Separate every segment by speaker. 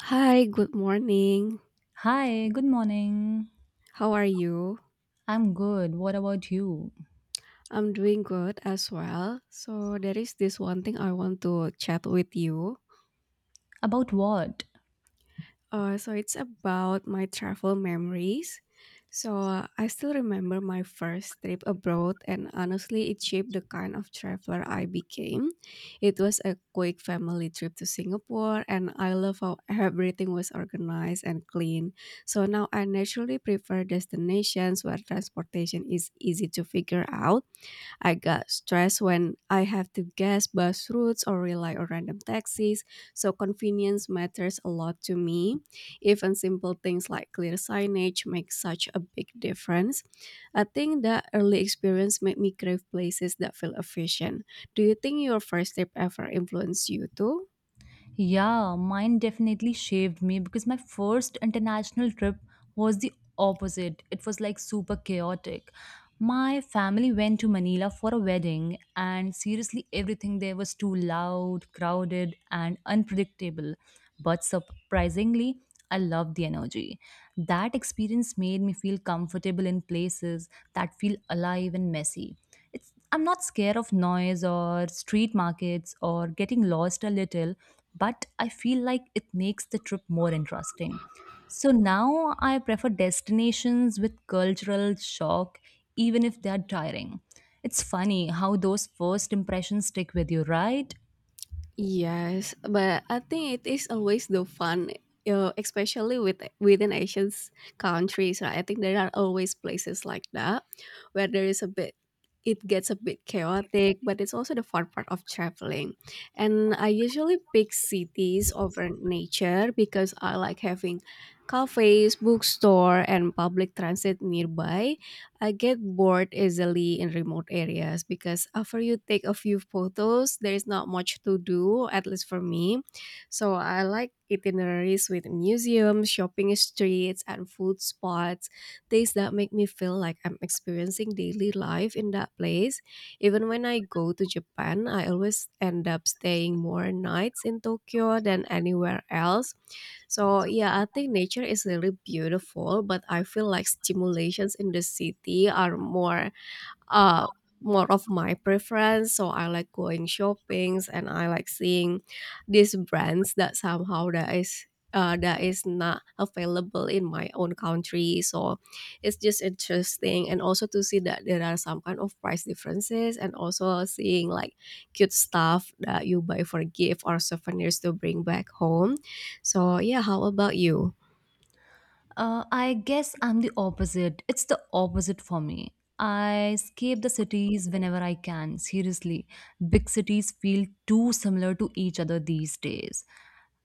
Speaker 1: Hi, good morning.
Speaker 2: Hi, good morning.
Speaker 1: How are you?
Speaker 2: I'm good. What about you?
Speaker 1: I'm doing good as well. So, there is this one thing I want to chat with you.
Speaker 2: About what?
Speaker 1: So it's about my travel memories. So I still remember my first trip abroad, and honestly, it shaped the kind of traveler I became. It was a quick family trip to Singapore, and I love how everything was organized and clean. So now I naturally prefer destinations where transportation is easy to figure out. I got stressed when I have to guess bus routes or rely on random taxis, so convenience matters a lot to me. Even simple things like clear signage make such a big difference. I think that early experience made me crave places that feel efficient. Do you think your first trip ever influenced you too?
Speaker 2: Yeah, mine definitely shaved me because my first international trip was the opposite. It was like super chaotic. My family went to Manila for a wedding, and seriously, everything there was too loud, crowded, and unpredictable. But surprisingly, I loved the energy. That experience made me feel comfortable in places that feel alive and messy. It's I'm not scared of noise or street markets or getting lost a little, but I feel like it makes the trip more interesting. So now I prefer destinations with cultural shock, even if they are tiring. It's funny how those first impressions stick with you, right?
Speaker 1: Yes, but I think it is always the fun, especially with within Asian countries. Right? I think there are always places like that where there is a bit, it gets a bit chaotic, but it's also the fun part of traveling. And I usually pick cities over nature because I like having cafes, bookstore, and public transit nearby. I get bored easily in remote areas because after you take a few photos, there is not much to do, at least for me. So I like itineraries with museums, shopping streets, and food spots, things that make me feel like I'm experiencing daily life in that place. Even when I go to Japan, I always end up staying more nights in Tokyo than anywhere else. So yeah, I think nature is really beautiful, but I feel like stimulations in the city are more uh, more of my preference. So I like going shoppings and I like seeing these brands that somehow that is not available in my own country. So it's just interesting and also to see that there are some kind of price differences and also seeing like cute stuff that you buy for gift or souvenirs to bring back home. So yeah, how about you?
Speaker 2: I guess I'm the opposite. It's the opposite for me. I escape the cities whenever I can, seriously. Big cities feel too similar to each other these days,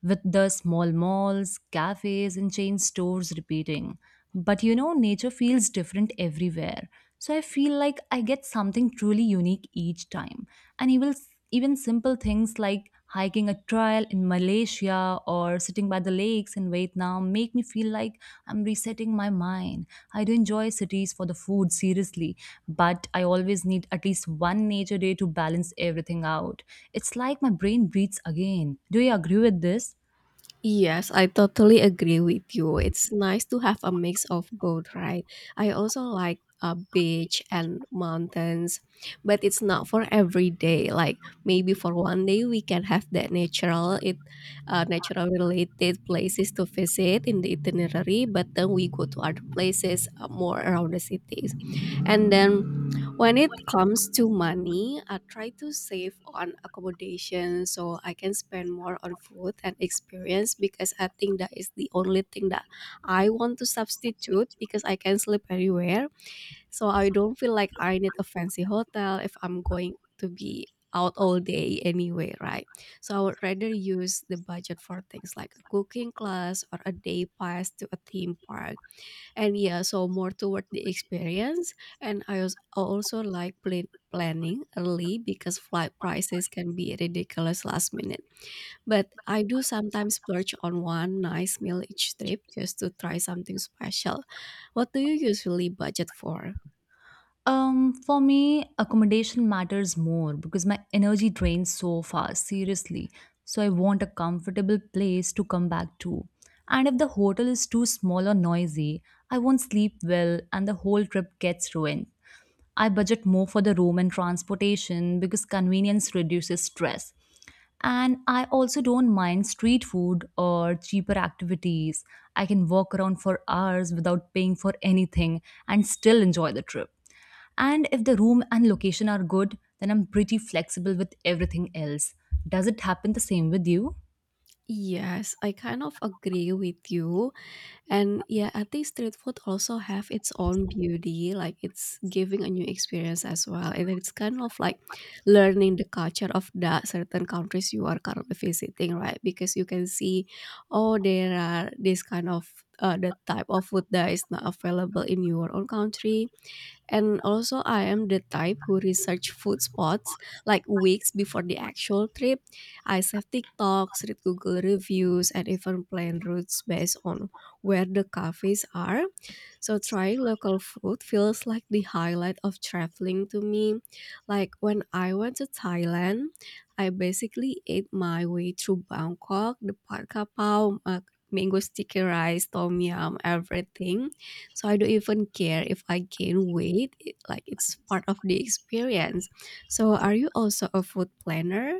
Speaker 2: with the small malls, cafes, and chain stores repeating. But you know, nature feels different everywhere. So I feel like I get something truly unique each time. And even, even simple things like hiking a trail in Malaysia or sitting by the lakes in Vietnam make me feel like I'm resetting my mind. I do enjoy cities for the food, seriously, but I always need at least one nature day to balance everything out. It's like my brain breathes again. Do you agree with this?
Speaker 1: Yes, I totally agree with you. It's nice to have a mix of both, right? I also like a beach and mountains, but it's not for every day. Like maybe for one day we can have that natural related places to visit in the itinerary, but then we go to other places more around the cities. And then when it comes to money, I try to save on accommodation so I can spend more on food and experience because I think that is the only thing that I want to substitute because I can sleep anywhere. So I don't feel like I need a fancy hotel if I'm going to be out all day anyway, right? So I would rather use the budget for things like a cooking class or a day pass to a theme park, and yeah, so more toward the experience. And I also like planning early because flight prices can be ridiculous last minute, but I do sometimes splurge on one nice meal each trip just to try something special. What do you usually budget for?
Speaker 2: For me, accommodation matters more because my energy drains so fast, seriously. So I want a comfortable place to come back to. And if the hotel is too small or noisy, I won't sleep well and the whole trip gets ruined. I budget more for the room and transportation because convenience reduces stress. And I also don't mind street food or cheaper activities. I can walk around for hours without paying for anything and still enjoy the trip. And if the room and location are good, then I'm pretty flexible with everything else. Does it happen the same with you?
Speaker 1: Yes, I kind of agree with you. And yeah, I think street food also have its own beauty, like it's giving a new experience as well. And it's kind of like learning the culture of the certain countries you are currently visiting, right? Because you can see, oh, there are this kind of the type of food that is not available in your own country. And also, I am the type who research food spots like weeks before the actual trip. I save TikToks, read Google reviews, and even plan routes based on where the cafes are. So trying local food feels like the highlight of traveling to me. Like when I went to Thailand, I basically ate my way through Bangkok, the Pad Khao Pao, mango sticky rice, tom yum, everything. So I don't even care if I gain weight. Like it's part of the experience. So are you also a food planner?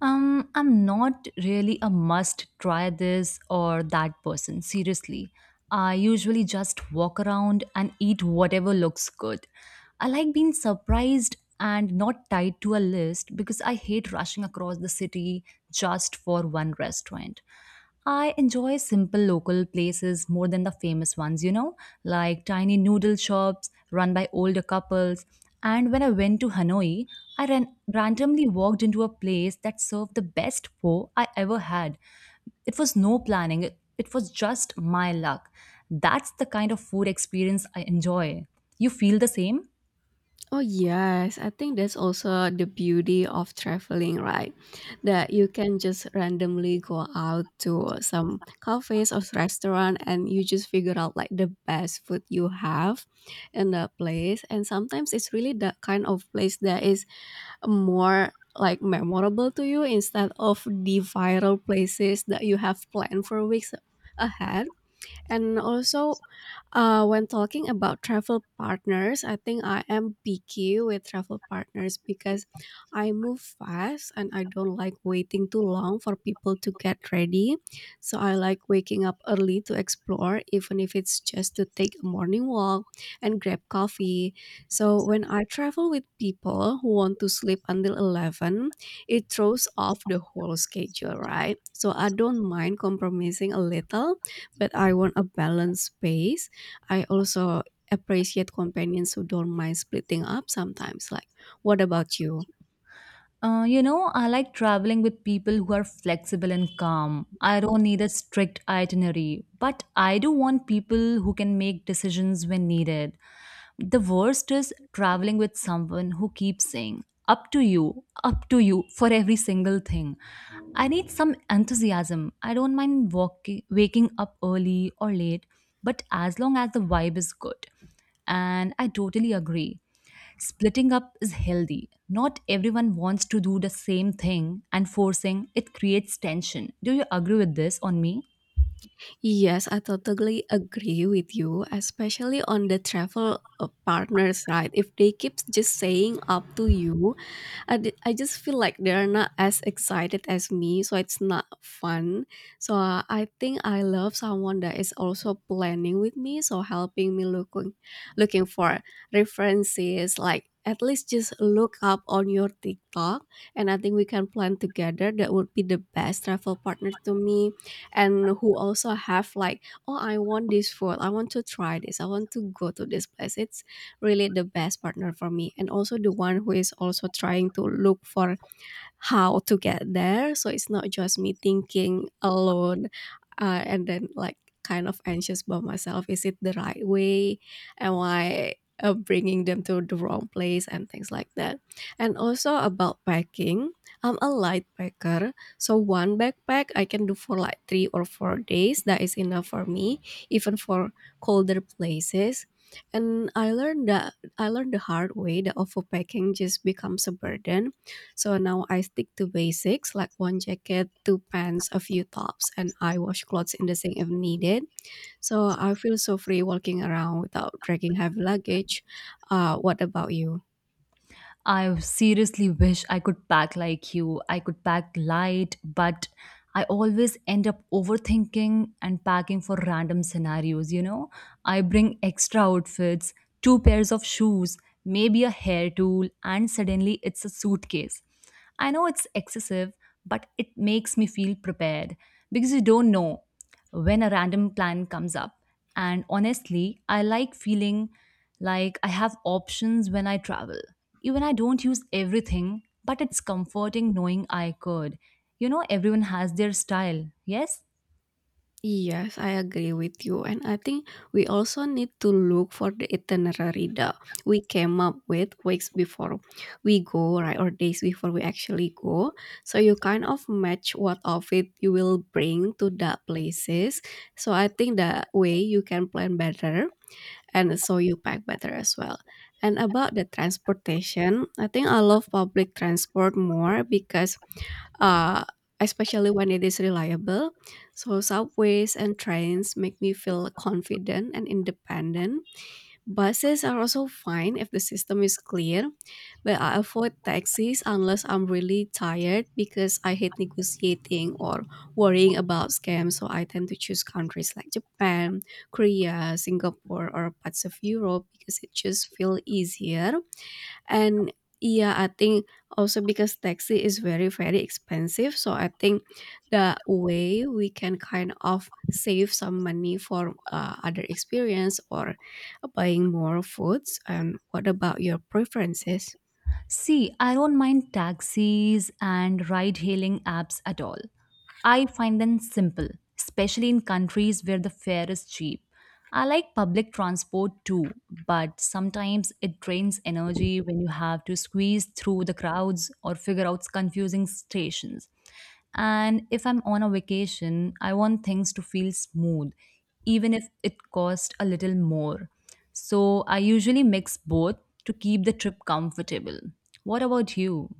Speaker 2: I'm not really a must try this or that person, seriously. I usually just walk around and eat whatever looks good. I like being surprised and not tied to a list because I hate rushing across the city just for one restaurant. I enjoy simple local places more than the famous ones, you know, like tiny noodle shops run by older couples. And when I went to Hanoi, randomly walked into a place that served the best pho I ever had. It was no planning, it was just my luck. That's the kind of food experience I enjoy. You feel the same?
Speaker 1: Oh yes, I think that's also the beauty of traveling, right? That you can just randomly go out to some cafes or restaurant and you just figure out like the best food you have in the place, and sometimes it's really the kind of place that is more like memorable to you instead of the viral places that you have planned for weeks ahead. And also, when talking about travel partners, I think I am picky with travel partners because I move fast and I don't like waiting too long for people to get ready. So I like waking up early to explore, even if it's just to take a morning walk and grab coffee. So when I travel with people who want to sleep until 11, it throws off the whole schedule, right? So I don't mind compromising a little, but I want a balanced space. I also appreciate companions who don't mind splitting up sometimes. Like, what about you?
Speaker 2: You know, I like traveling with people who are flexible and calm. I don't need a strict itinerary, but I do want people who can make decisions when needed. The worst is traveling with someone who keeps saying, up to you for every single thing. I need some enthusiasm. I don't mind walking, waking up early or late, but as long as the vibe is good. And I totally agree. Splitting up is healthy. Not everyone wants to do the same thing, and forcing it creates tension. Do you agree with this on me?
Speaker 1: Yes, I totally agree with you, especially on the travel partners, right? If they keep just saying up to you, I just feel like they're not as excited as me, so it's not fun. So I think I love someone that is also planning with me, so helping me looking for references, like at least just look up on your TikTok, and I think we can plan together. That would be the best travel partner to me, and who also have like, oh, I want this food, I want to try this, I want to go to this place. It's really the best partner for me, and also the one who is also trying to look for how to get there. So it's not just me thinking alone, and then like kind of anxious by myself. Is it the right way? Am I bringing them to the wrong place and things like that? And also about packing, I'm a light packer. So one backpack I can do for like 3 or 4 days. That is enough for me, even for colder places. And I learned the hard way that overpacking just becomes a burden. So now I stick to basics like one jacket, two pants, a few tops, and I wash clothes in the sink if needed. So I feel so free walking around without dragging heavy luggage. What about you?
Speaker 2: I seriously wish I could pack like you. I could pack light, but I always end up overthinking and packing for random scenarios, you know? I bring extra outfits, two pairs of shoes, maybe a hair tool, and suddenly it's a suitcase. I know it's excessive, but it makes me feel prepared because you don't know when a random plan comes up. And honestly, I like feeling like I have options when I travel. Even I don't use everything, but it's comforting knowing I could. You know, everyone has their style, yes?
Speaker 1: Yes, I agree with you. And I think we also need to look for the itinerary that we came up with weeks before we go, right? Or days before we actually go. So you kind of match what outfit you will bring to that places. So I think that way you can plan better, and so you pack better as well. And about the transportation, I think I love public transport more because uh, especially when it is reliable. So, subways and trains make me feel confident and independent. Buses are also fine if the system is clear, but I avoid taxis unless I'm really tired because I hate negotiating or worrying about scams. So, I tend to choose countries like Japan, Korea, Singapore, or parts of Europe because it just feels easier. And yeah, I think also because taxi is very very expensive, so I think the way we can kind of save some money for other experience or buying more foods. And what about your preferences?
Speaker 2: See, I don't mind taxis and ride hailing apps at all. I find them simple, especially in countries where the fare is cheap. I like public transport too, but sometimes it drains energy when you have to squeeze through the crowds or figure out confusing stations. And if I'm on a vacation, I want things to feel smooth, even if it costs a little more. So I usually mix both to keep the trip comfortable. What about you?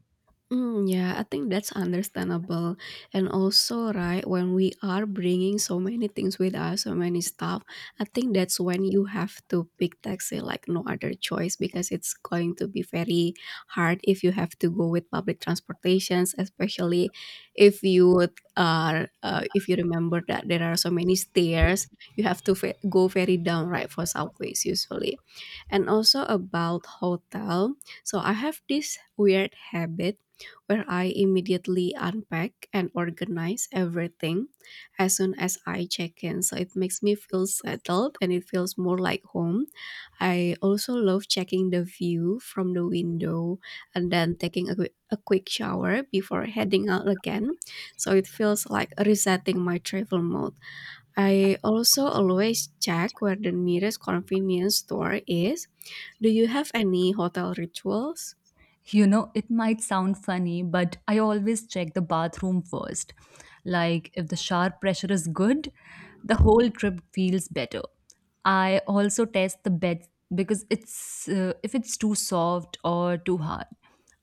Speaker 1: Mm, yeah, I think that's understandable. And also, right, when we are bringing so many things with us, so many stuff, I think that's when you have to pick taxi like no other choice because it's going to be very hard if you have to go with public transportations, especially if you would, are if you remember that there are so many stairs, you have to go very down, right, for subways usually. And also about hotel, so I have this weird habit where I immediately unpack and organize everything as soon as I check in. So it makes me feel settled and it feels more like home. I also love checking the view from the window and then taking a quick shower before heading out again. So it feels like resetting my travel mode. I also always check where the nearest convenience store is. Do you have any hotel rituals?
Speaker 2: You know, it might sound funny, but I always check the bathroom first. Like, if the shower pressure is good, the whole trip feels better. I also test the bed, because it's if it's too soft or too hard.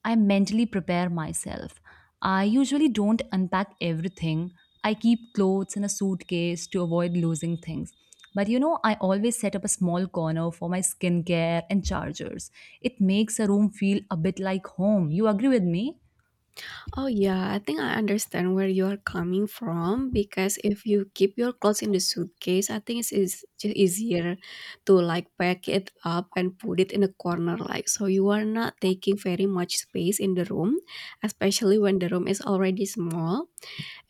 Speaker 2: I mentally prepare myself. I usually don't unpack everything. I keep clothes in a suitcase to avoid losing things. But you know, I always set up a small corner for my skincare and chargers. It makes a room feel a bit like home. You agree with me?
Speaker 1: Oh yeah, I think I understand where you are coming from because if you keep your clothes in the suitcase, I think it's is just easier to like pack it up and put it in a corner like so you are not taking very much space in the room, especially when the room is already small.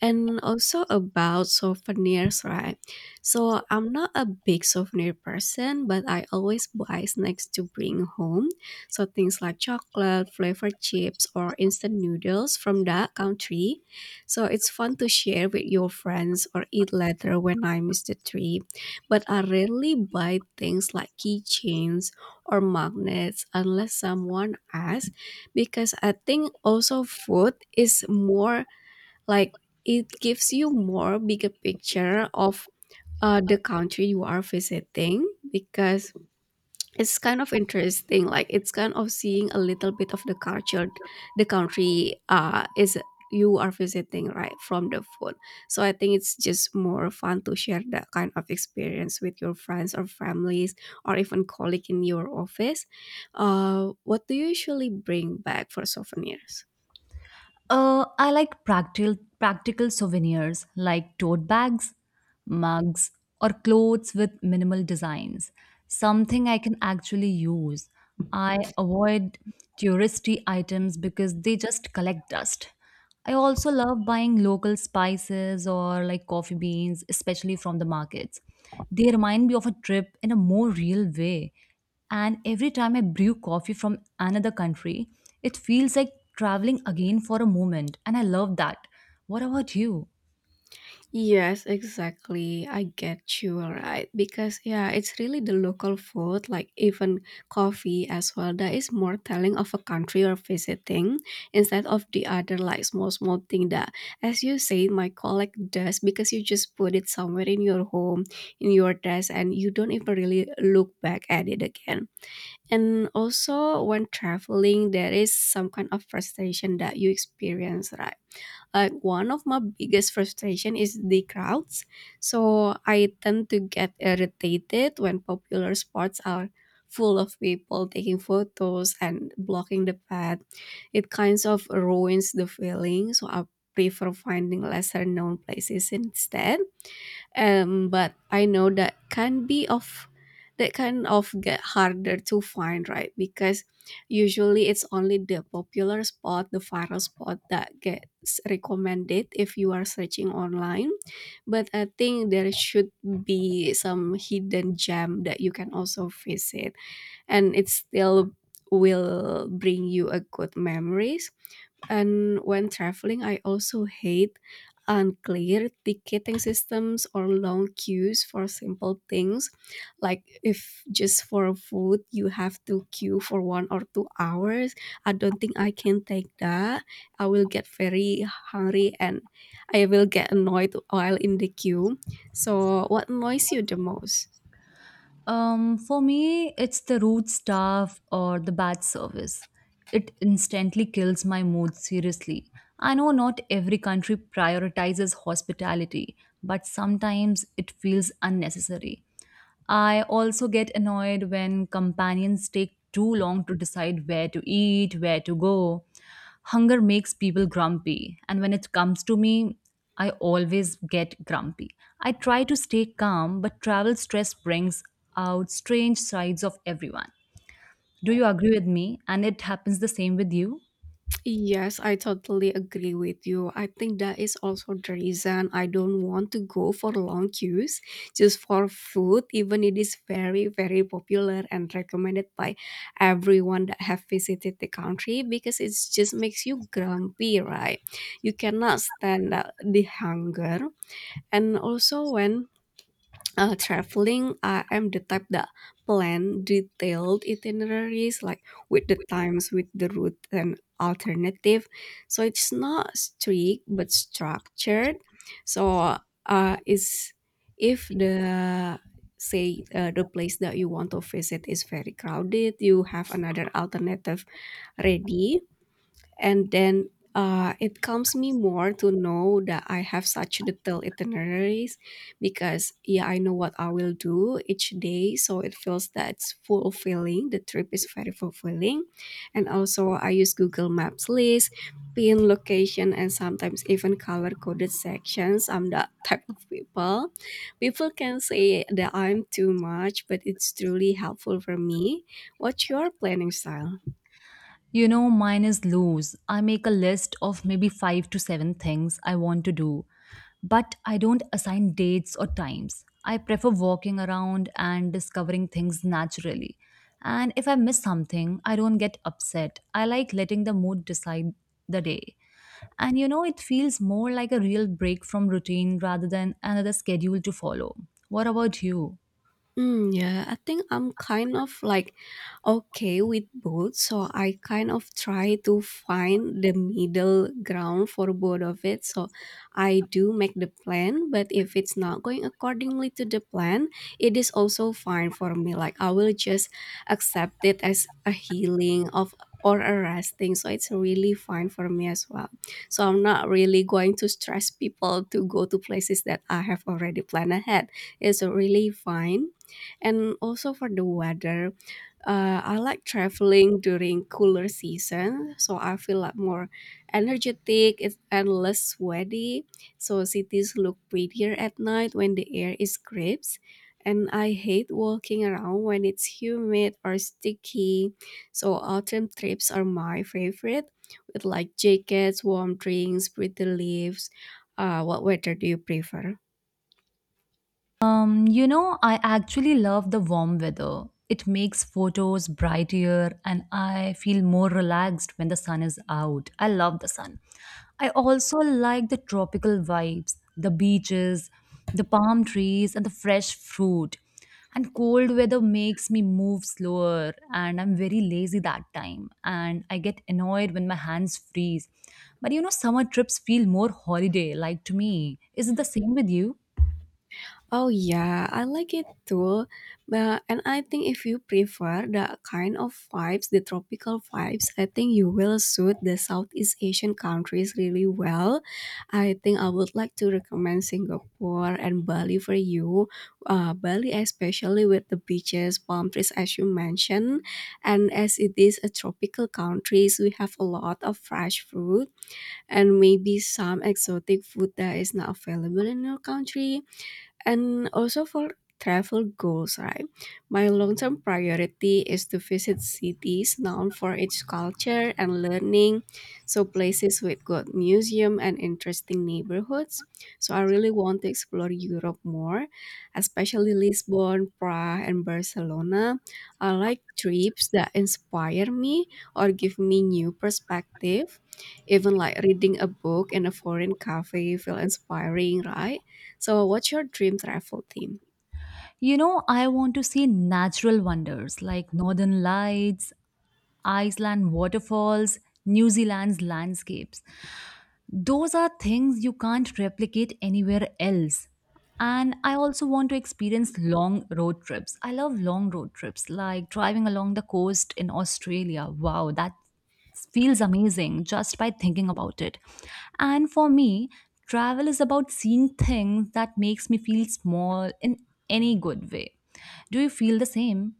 Speaker 1: And also about souvenirs, right? So I'm not a big souvenir person, but I always buy snacks to bring home. So things like chocolate, flavored chips, or instant noodles from that country. So it's fun to share with your friends or eat later when I miss the trip. But I rarely buy things like keychains or magnets unless someone asks, because I think also food is more like it gives you more bigger picture of the country you are visiting because it's kind of interesting. Like it's kind of seeing a little bit of the culture the country is you are visiting right from the phone. So I think it's just more fun to share that kind of experience with your friends or families or even colleague in your office. What do you usually bring back for souvenirs?
Speaker 2: I like practical souvenirs like tote bags, mugs, or clothes with minimal designs. Something I can actually use. I avoid touristy items because they just collect dust. I also love buying local spices or like coffee beans, especially from the markets. They remind me of a trip in a more real way. And every time I brew coffee from another country, it feels like traveling again for a moment. And I love that. What about you?
Speaker 1: Yes, exactly. I get you right because yeah, it's really the local food, like even coffee as well, that is more telling of a country you're visiting instead of the other like small thing that, as you say, my colleague does because you just put it somewhere in your home, in your desk, and you don't even really look back at it again. And also, when traveling, there is some kind of frustration that you experience, right? Like one of my biggest frustration is the crowds, so I tend to get irritated when popular spots are full of people taking photos and blocking the path. It kinds of ruins the feeling, so I prefer finding lesser known places instead. But I know that can be of that kind of get harder to find, right? Because usually it's only the popular spot, the viral spot that gets recommended if you are searching online. But I think there should be some hidden gem that you can also visit and it still will bring you a good memories. And when traveling, I also hate unclear ticketing systems or long queues for simple things. Like if just for food, you have to queue for 1 or 2 hours. I don't think I can take that. I will get very hungry and I will get annoyed while in the queue. So, what annoys you the most?
Speaker 2: For me, it's the rude staff or the bad service. It instantly kills my mood, seriously. I know not every country prioritizes hospitality, but sometimes it feels unnecessary. I also get annoyed when companions take too long to decide where to eat, where to go. Hunger makes people grumpy, and when it comes to me, I always get grumpy. I try to stay calm, but travel stress brings out strange sides of everyone. Do you agree with me? And it happens the same with you?
Speaker 1: Yes, I totally agree with you. I think that is also the reason I don't want to go for long queues just for food, even it is very, very popular and recommended by everyone that have visited the country because it just makes you grumpy, right? You cannot stand the hunger. And also when traveling, I am the type that plan detailed itineraries, like with the times, with the route and alternative. So it's not strict but structured. So is if the say the place that you want to visit is very crowded, you have another alternative ready and then it calms me more to know that I have such detailed itineraries because yeah, I know what I will do each day, so it feels that's fulfilling. The trip is very fulfilling. And also I use Google Maps list, pin location, and sometimes even color coded sections. I'm that type of people. People can say that I'm too much, but it's truly helpful for me. What's your planning style?
Speaker 2: You know, mine is loose. I make a list of maybe five to seven things I want to do, but I don't assign dates or times. I prefer walking around and discovering things naturally. And if I miss something, I don't get upset. I like letting the mood decide the day. And you know, it feels more like a real break from routine rather than another schedule to follow. What about you?
Speaker 1: Mm, yeah, I think I'm kind of like okay with both, so I kind of try to find the middle ground for both of it. So I do make the plan, but if it's not going accordingly to the plan, it is also fine for me. Like I will just accept it as a healing of or a resting, so it's really fine for me as well. So I'm not really going to stress people to go to places that I have already planned ahead. It's really fine. And also for the weather, I like traveling during cooler season, so I feel like more energetic and less sweaty. So cities look prettier at night when the air is crisp. And I hate walking around when it's humid or sticky. So autumn trips are my favorite, with like jackets, warm drinks, pretty leaves. What weather do you prefer?
Speaker 2: You know, I actually love the warm weather. It makes photos brighter and I feel more relaxed when the sun is out. I love the sun. I also like the tropical vibes, the beaches, the palm trees, and the fresh fruit. And cold weather makes me move slower and I'm very lazy that time. And I get annoyed when my hands freeze. But you know, summer trips feel more holiday like to me. Is it the same with you?
Speaker 1: Oh yeah, I like it too. But and I think if you prefer the kind of vibes, the tropical vibes, I think you will suit the Southeast Asian countries really well. I think I would like to recommend Singapore and Bali for you. Bali especially with the beaches, palm trees as you mentioned, and as it is a tropical countries, we have a lot of fresh fruit and maybe some exotic food that is not available in your country. And also for travel goals, right? My long-term priority is to visit cities known for its culture and learning, so places with good museum and interesting neighborhoods. So I really want to explore Europe more, especially Lisbon, Prague, and Barcelona. I like trips that inspire me or give me new perspective. Even like reading a book in a foreign cafe feel inspiring, right? So, what's your dream travel theme?
Speaker 2: You know, I want to see natural wonders like northern lights, Iceland waterfalls, New Zealand's landscapes. Those are things you can't replicate anywhere else. And I also want to experience long road trips. I love long road trips, like driving along the coast in Australia. Wow, that feels amazing just by thinking about it. And for me, travel is about seeing things that makes me feel small in any good way. Do you feel the same?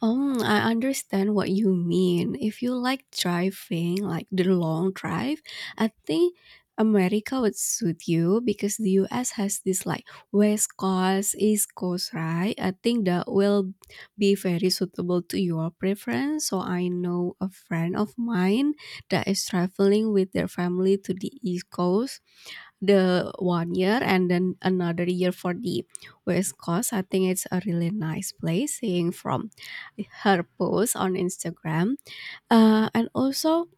Speaker 1: I understand what you mean. If you like driving, like the long drive, I think America would suit you because the US has this like West Coast, East Coast, right? I think that will be very suitable to your preference. So I know a friend of mine that is traveling with their family to the East Coast the one year and then another year for the West Coast. I think it's a really nice place seeing from her post on Instagram. And also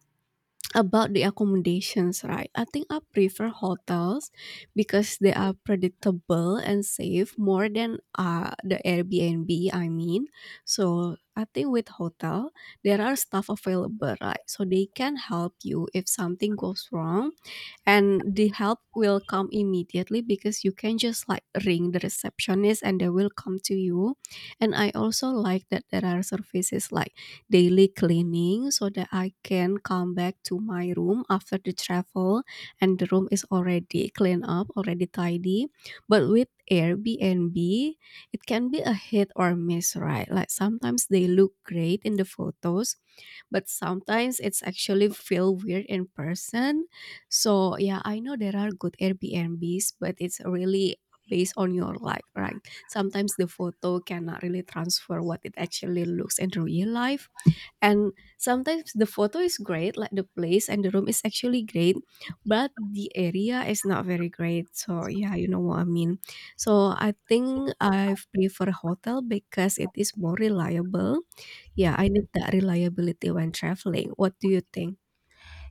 Speaker 1: about the accommodations, right? I think I prefer hotels because they are predictable and safe more than the Airbnb, I mean. So I think with hotel, there are staff available, right? So they can help you if something goes wrong and the help will come immediately because you can just like ring the receptionist and they will come to you. And I also like that there are services like daily cleaning, so that I can come back to my room after the travel and the room is already clean up, already tidy. But with Airbnb, it can be a hit or miss, right? Like sometimes they look great in the photos but sometimes it's actually feel weird in person. So yeah, I know there are good Airbnbs, but it's really based on your life, right? Sometimes the photo cannot really transfer what it actually looks in real life. And sometimes the photo is great, like the place and the room is actually great, but the area is not very great. So yeah, you know what I mean. So I think I prefer hotel because it is more reliable, yeah, I need that reliability when traveling. What do you think?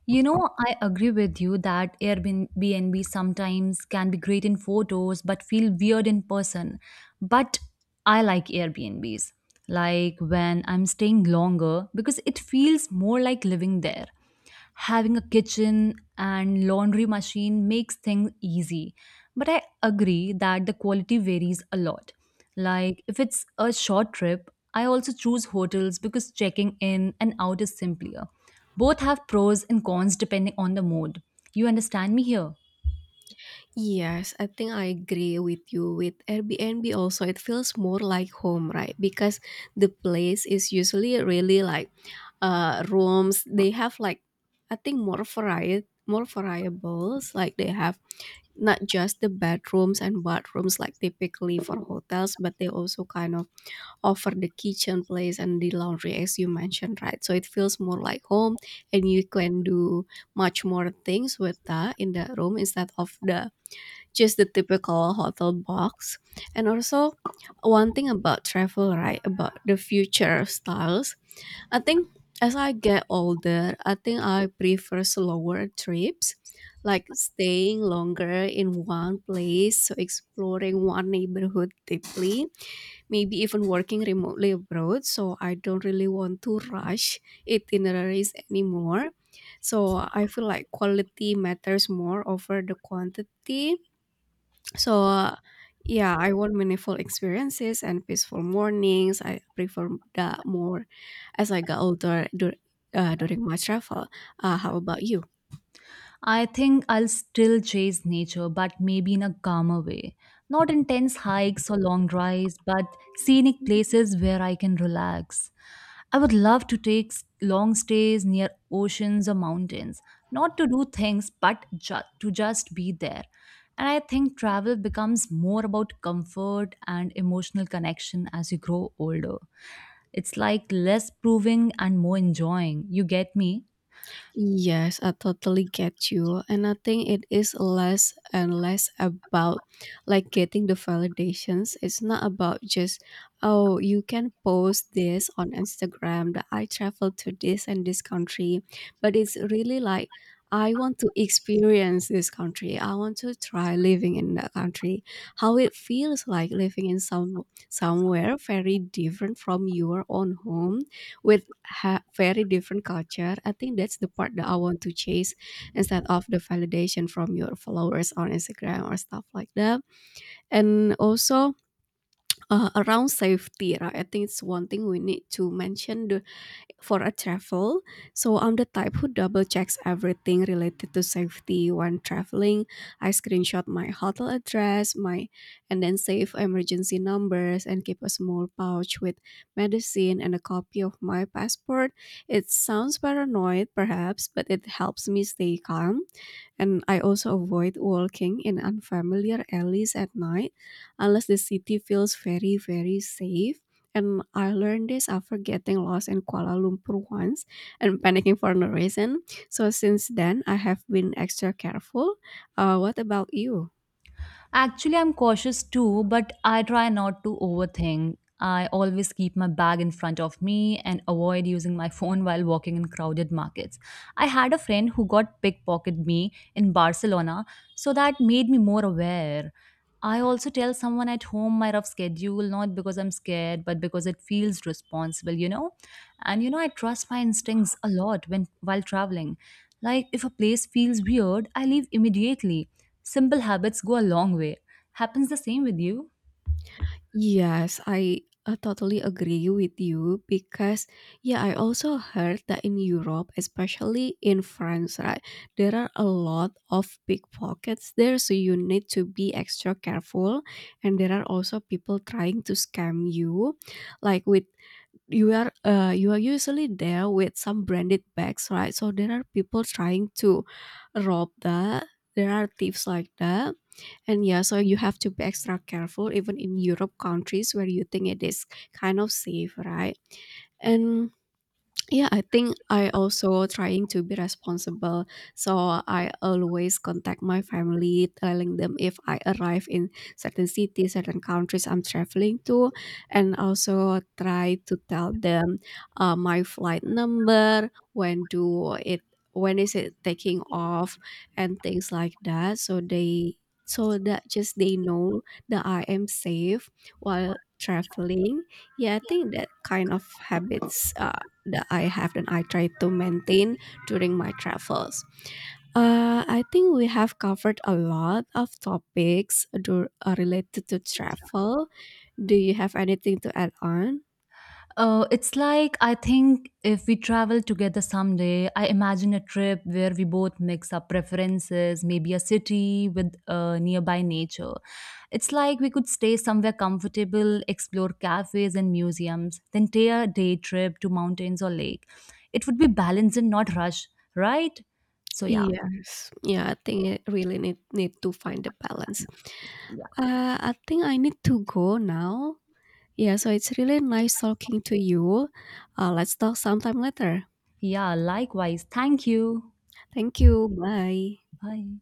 Speaker 2: You know, I agree with you that Airbnb sometimes can be great in photos but feel weird in person. But I like Airbnbs, like when I'm staying longer because it feels more like living there. Having a kitchen and laundry machine makes things easy. But I agree that the quality varies a lot. Like if it's a short trip, I also choose hotels because checking in and out is simpler. Both have pros and cons depending on the mood. You understand me here?
Speaker 1: Yes, I think I agree with you. With Airbnb also, it feels more like home, right? Because the place is usually really like rooms. They have like I think more variety, more variables. Like they have not just the bedrooms and bathrooms like typically for hotels, but they also kind of over the kitchen place and the laundry as you mentioned, right? So it feels more like home and you can do much more things with that in the room instead of the just the typical hotel box. And also one thing about travel, right? About the future styles, I think, as I get older, I think I prefer slower trips, like staying longer in one place, so exploring one neighborhood deeply, maybe even working remotely abroad. So I don't really want to rush itineraries anymore. So I feel like quality matters more over the quantity. So yeah, I want meaningful experiences and peaceful mornings. I prefer that more as I got older during my travel. How about you?
Speaker 2: I think I'll still chase nature, but maybe in a calmer way. Not intense hikes or long drives, but scenic places where I can relax. I would love to long stays near oceans or mountains, not to do things, but to just be there. And I think travel becomes more about comfort and emotional connection as you grow older. It's like less proving and more enjoying. You get me?
Speaker 1: Yes, I totally get you. And I think it is less and less about like getting the validations. It's not about just, oh, you can post this on Instagram that I traveled to this and this country. But it's really like, I want to experience this country. I want to try living in that country. How it feels like living in somewhere very different from your own home with very different culture. I think that's the part that I want to chase instead of the validation from your followers on Instagram or stuff like that. And also around safety, right? I think it's one thing we need to mention the for a travel. So I'm the type who double checks everything related to safety when traveling. I screenshot my hotel address, my and then save emergency numbers and keep a small pouch with medicine and a copy of my passport. It sounds paranoid perhaps, but it helps me stay calm. And I also avoid walking in unfamiliar alleys at night unless the city feels very, very safe. And I learned this after getting lost in Kuala Lumpur once and panicking for no reason. So since then, I have been extra careful. What about you?
Speaker 2: Actually, I'm cautious too, but I try not to overthink. I always keep my bag in front of me and avoid using my phone while walking in crowded markets. I had a friend who got pickpocketed me in Barcelona, so that made me more aware. I also tell someone at home my rough schedule, not because I'm scared, but because it feels responsible, you know? And you know, I trust my instincts a lot when while traveling. Like if a place feels weird, I leave immediately. Simple habits go a long way. Happens the same with you?
Speaker 1: Yes, I totally agree with you because yeah, I also heard that in Europe, especially in France, right, there are a lot of pickpockets there, so you need to be extra careful. And there are also people trying to scam you, like with you are usually there with some branded bags, right? So there are people trying to rob that, there are thieves like that. And yeah, so you have to be extra careful even in Europe countries where you think it is kind of safe, right? And yeah, I think I also trying to be responsible. So I always contact my family, telling them if I arrive in certain cities, certain countries I'm traveling to, and also try to tell them my flight number, when do it, when is it taking off, and things like that. So that just they know that I am safe while traveling. Yeah, I think that kind of habits. That I have and I try to maintain during my travels. I think we have covered a lot of topics related to travel. Do you have anything to add on?
Speaker 2: It's like I think if we travel together someday, I imagine a trip where we both mix our preferences, maybe a city with nearby nature. It's like we could stay somewhere comfortable, explore cafes and museums, then take a day trip to mountains or lake. It would be balanced and not rush, right? So yeah.
Speaker 1: Yes, yeah, I think it really need to find the balance. I think I need to go now. Yeah, so it's really nice talking to you. Let's talk sometime later.
Speaker 2: Yeah, likewise. Thank you.
Speaker 1: Thank you. Bye.
Speaker 2: Bye.